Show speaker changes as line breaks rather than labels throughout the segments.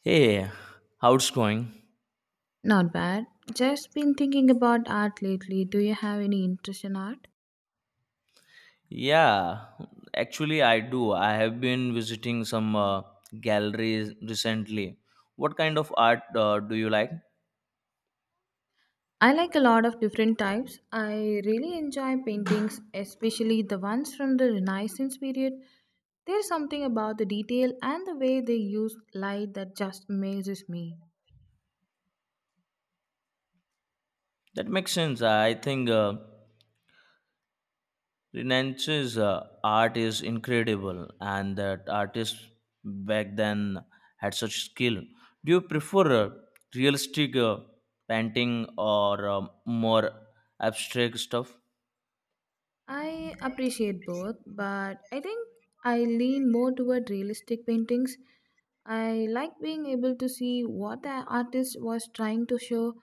Hey, how's it going?
Not bad. Just been thinking about art lately. Do you have any interest in art?
Yeah, actually, I do. I have been visiting some galleries recently. What kind of art do you like?
I like a lot of different types. I really enjoy paintings, especially the ones from the Renaissance period. There's something about the detail and the way they use light that just amazes me.
That makes sense. I think Renaissance's art is incredible, and that artists back then had such skill. Do you prefer realistic painting or more abstract stuff?
I appreciate both, but I think I lean more toward realistic paintings. I like being able to see what the artist was trying to show.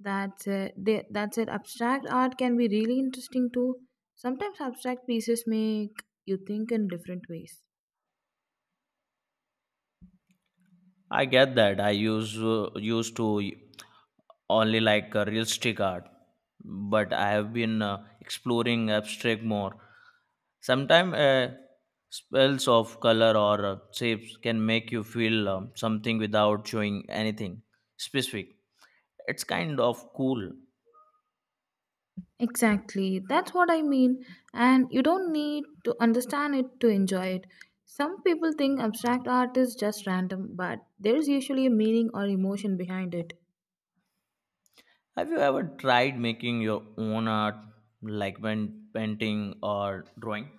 That's it. Abstract art can be really interesting too. Sometimes abstract pieces make you think in different ways.
I get that. I use used to only like realistic art, but I have been exploring abstract more. Sometimes spells of color or shapes can make you feel something without showing anything specific. It's kind of cool.
Exactly. That's what I mean. And you don't need to understand it to enjoy it. Some people think abstract art is just random, but there's usually a meaning or emotion behind it.
Have you ever tried making your own art, like painting or drawing?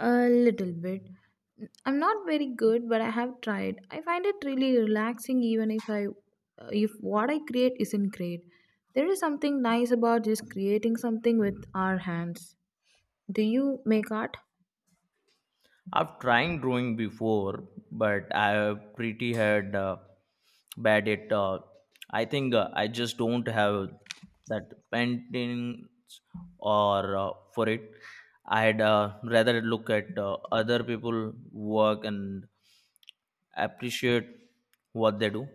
A little bit. I'm not very good, but I have tried. I find it really relaxing even if what I create isn't great. There is something nice about just creating something with our hands. Do you make art?
I've tried drawing before, but I pretty had bad at. I think I just don't have that paintings or for it. I'd rather look at other people work and appreciate what they do.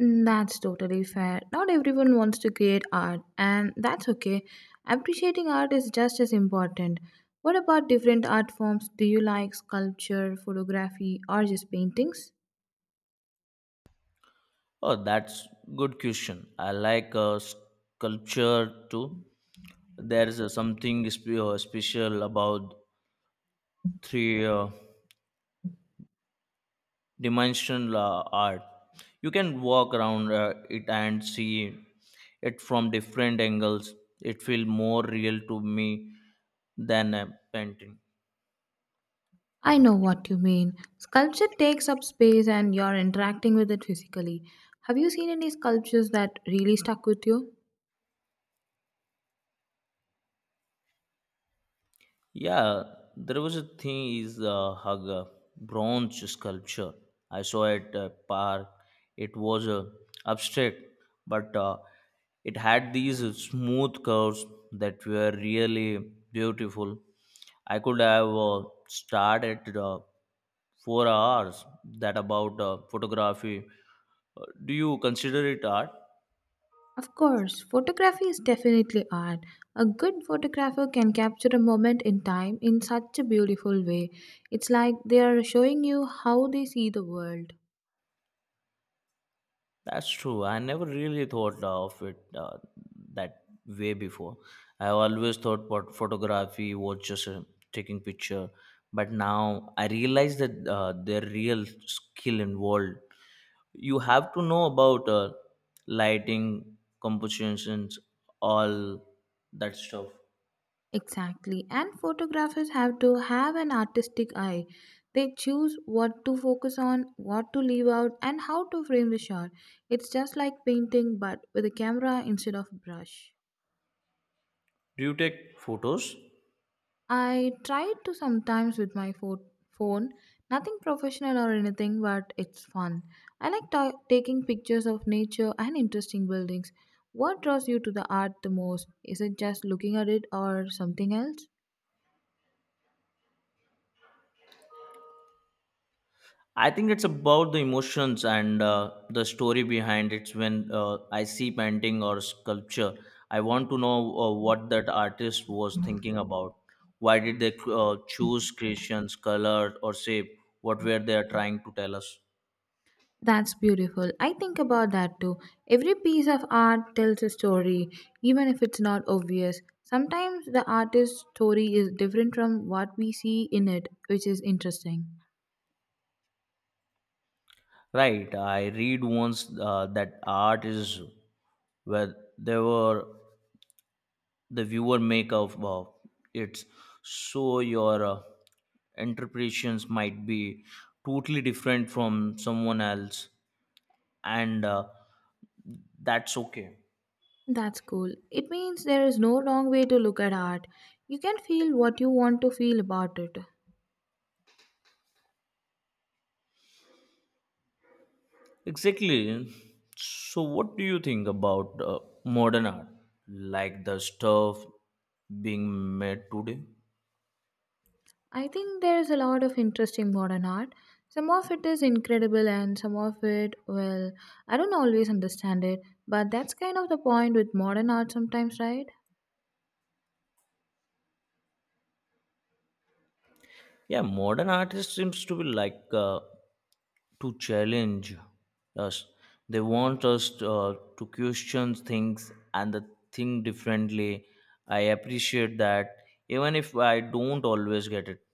Mm, that's totally fair. Not everyone wants to create art, and that's okay. Appreciating art is just as important. What about different art forms? Do you like sculpture, photography, or just paintings?
Oh, that's good question. I like sculpture too. There's something special about three. Dimensional art. You can walk around it and see it from different angles. It feels more real to me than a painting.
I know what you mean. Sculpture takes up space and you're interacting with it physically. Have you seen any sculptures that really stuck with you?
Yeah, there was a thing is a hug a bronze sculpture. I saw at a park. It was abstract, but it had these smooth curves that were really beautiful. I could have starred at 4 hours that about photography. Do you consider it art?
Of course, photography is definitely art. A good photographer can capture a moment in time in such a beautiful way. It's like they are showing you how they see the world.
That's true. I never really thought of it that way before. I always thought what photography was just taking picture, but now I realize that there real skill involved. You have to know about lighting, compositions, all that stuff.
Exactly. And photographers have to have an artistic eye. They choose what to focus on, what to leave out, and how to frame the shot. It's just like painting, but with a camera instead of brush.
Do you take photos?
I try to sometimes with phone. Nothing professional or anything, but it's fun. I like taking pictures of nature and interesting buildings. What draws you to the art the most? Is it just looking at it or something else?
I think it's about the emotions and the story behind it. When I see painting or sculpture, I want to know what that artist was thinking about. Why did they choose creations, color, or shape? What were they trying to tell us?
That's beautiful. I think about that too. Every piece of art tells a story, even if it's not obvious. Sometimes the artist's story is different from what we see in it, which is interesting.
Right, I read once that art is where they were the viewer make of it so your interpretations might be totally different from someone else and that's okay
That's cool. It means there is no wrong way to look at art. You can feel what you want to feel about it.
exactly so what do you think about modern art like the stuff being made today.
I think there is a lot of interesting modern art. Some of it is incredible, and some of it, well, I don't always understand it, but that's kind of the point with modern art sometimes, right?
Yeah, modern artists seems to be like to challenge us. They want us to question things and the think differently. I appreciate that, even if I don't always get it.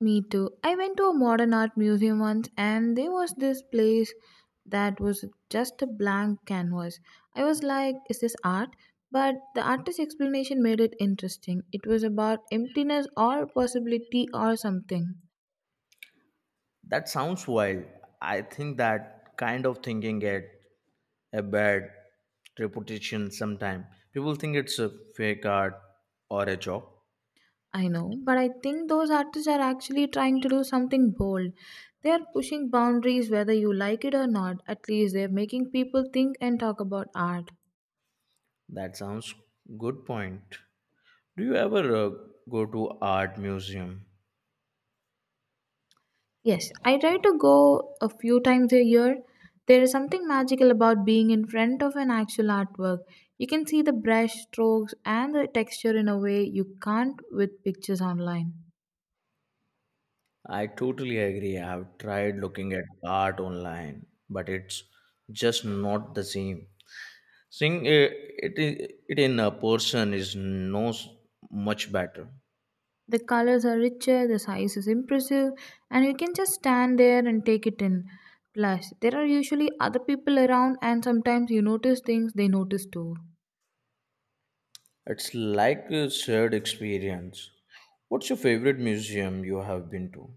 Me too. I went to a modern art museum once and there was this place that was just a blank canvas. I was like, is this art? But the artist's explanation made it interesting. It was about emptiness or possibility or something.
That sounds wild. I think that kind of thinking get a bad reputation sometime. People think it's a fake art or a job.
I know, but I think those artists are actually trying to do something bold. They are pushing boundaries whether you like it or not. At least they're making people think and talk about art.
That sounds good point. Do you ever go to art museum?
Yes, I try to go a few times a year. There is something magical about being in front of an actual artwork. You can see the brush strokes and the texture in a way you can't with pictures online.
I totally agree. I've tried looking at art online, but it's just not the same. Seeing it in a person is no s- much better.
The colors are richer, the size is impressive, and you can just stand there and take it in. Plus, there are usually other people around, and sometimes you notice things they notice too.
It's like a shared experience. What's your favorite museum you have been to?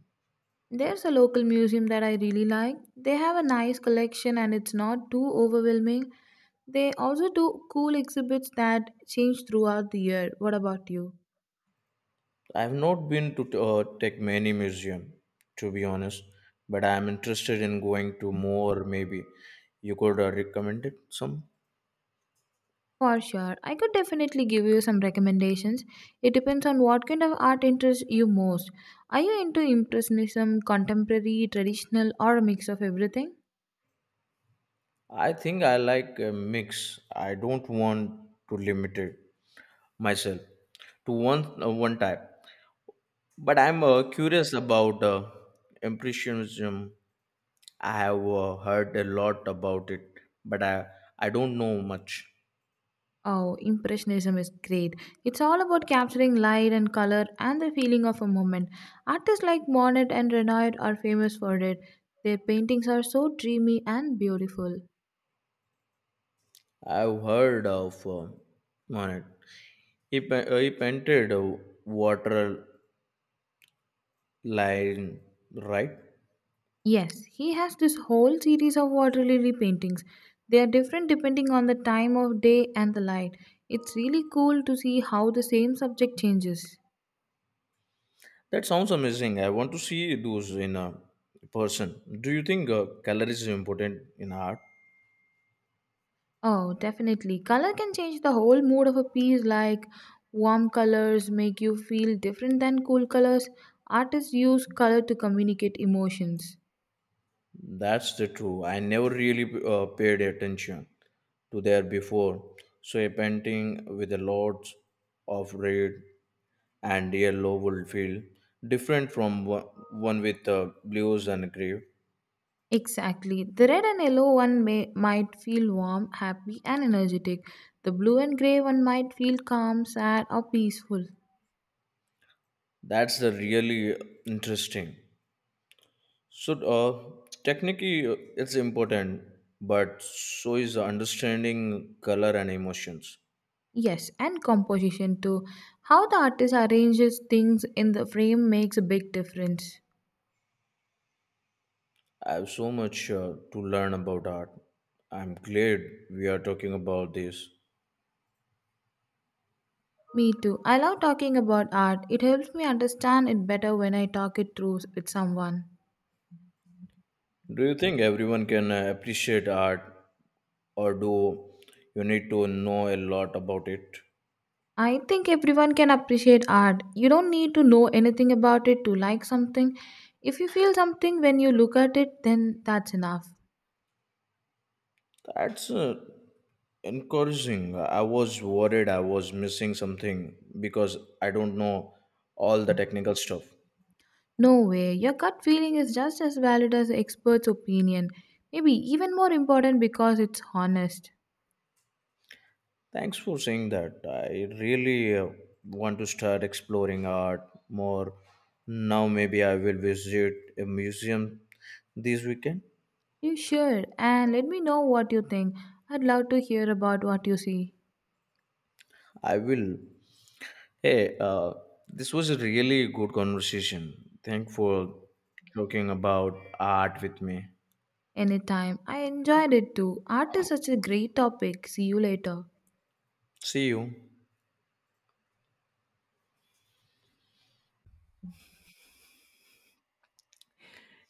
There's a local museum that I really like. They have a nice collection and it's not too overwhelming. They also do cool exhibits that change throughout the year. What about you?
I've not been to tech many museum, to be honest, but I'm interested in going to more. Maybe you could recommend it some.
For sure. I could definitely give you some recommendations. It depends on what kind of art interests you most. Are you into Impressionism, contemporary, traditional, or a mix of everything?
I think I like a mix. I don't want to limit it myself to one type. But I'm curious about impressionism. I have heard a lot about it, but I don't know much.
Oh, Impressionism is great. It's all about capturing light and color and the feeling of a moment. Artists like Monet and Renoir are famous for it. Their paintings are so dreamy and beautiful.
I've heard of on it. He painted a water line, right?
Yes, he has this whole series of water lily paintings. They are different depending on the time of day and the light. It's really cool to see how the same subject changes.
That sounds amazing. I want to see those in a person. Do you think color is important in art?
Oh, definitely. Color can change the whole mood of a piece, like warm colors make you feel different than cool colors. Artists use color to communicate emotions.
That's the true. I never really paid attention to there before. So a painting with a lot of red and yellow will feel different from one with blues and gray.
Exactly. The red and yellow one might feel warm, happy, and energetic. The blue and gray one might feel calm, sad, or peaceful.
That's the really interesting. So technically, it's important, but so is understanding color and emotions.
Yes, and composition too. How the artist arranges things in the frame makes a big difference.
I have so much to learn about art. I'm glad we are talking about this.
Me too. I love talking about art. It helps me understand it better when I talk it through with someone.
Do you think everyone can appreciate art, or do you need to know a lot about it?
I think everyone can appreciate art. You don't need to know anything about it to like something. If you feel something when you look at it, then that's enough.
That's encouraging. I was worried I was missing something because I don't know all the technical stuff.
No way. Your gut feeling is just as valid as the expert's opinion. Maybe even more important because it's honest.
Thanks for saying that. I really want to start exploring art more. Now, maybe I will visit a museum this weekend.
You should, and let me know what you think. I'd love to hear about what you see.
I will. Hey, this was a really good conversation. Thank for talking about art with me.
Anytime. I enjoyed it too. Art is such a great topic. See you later.
See you.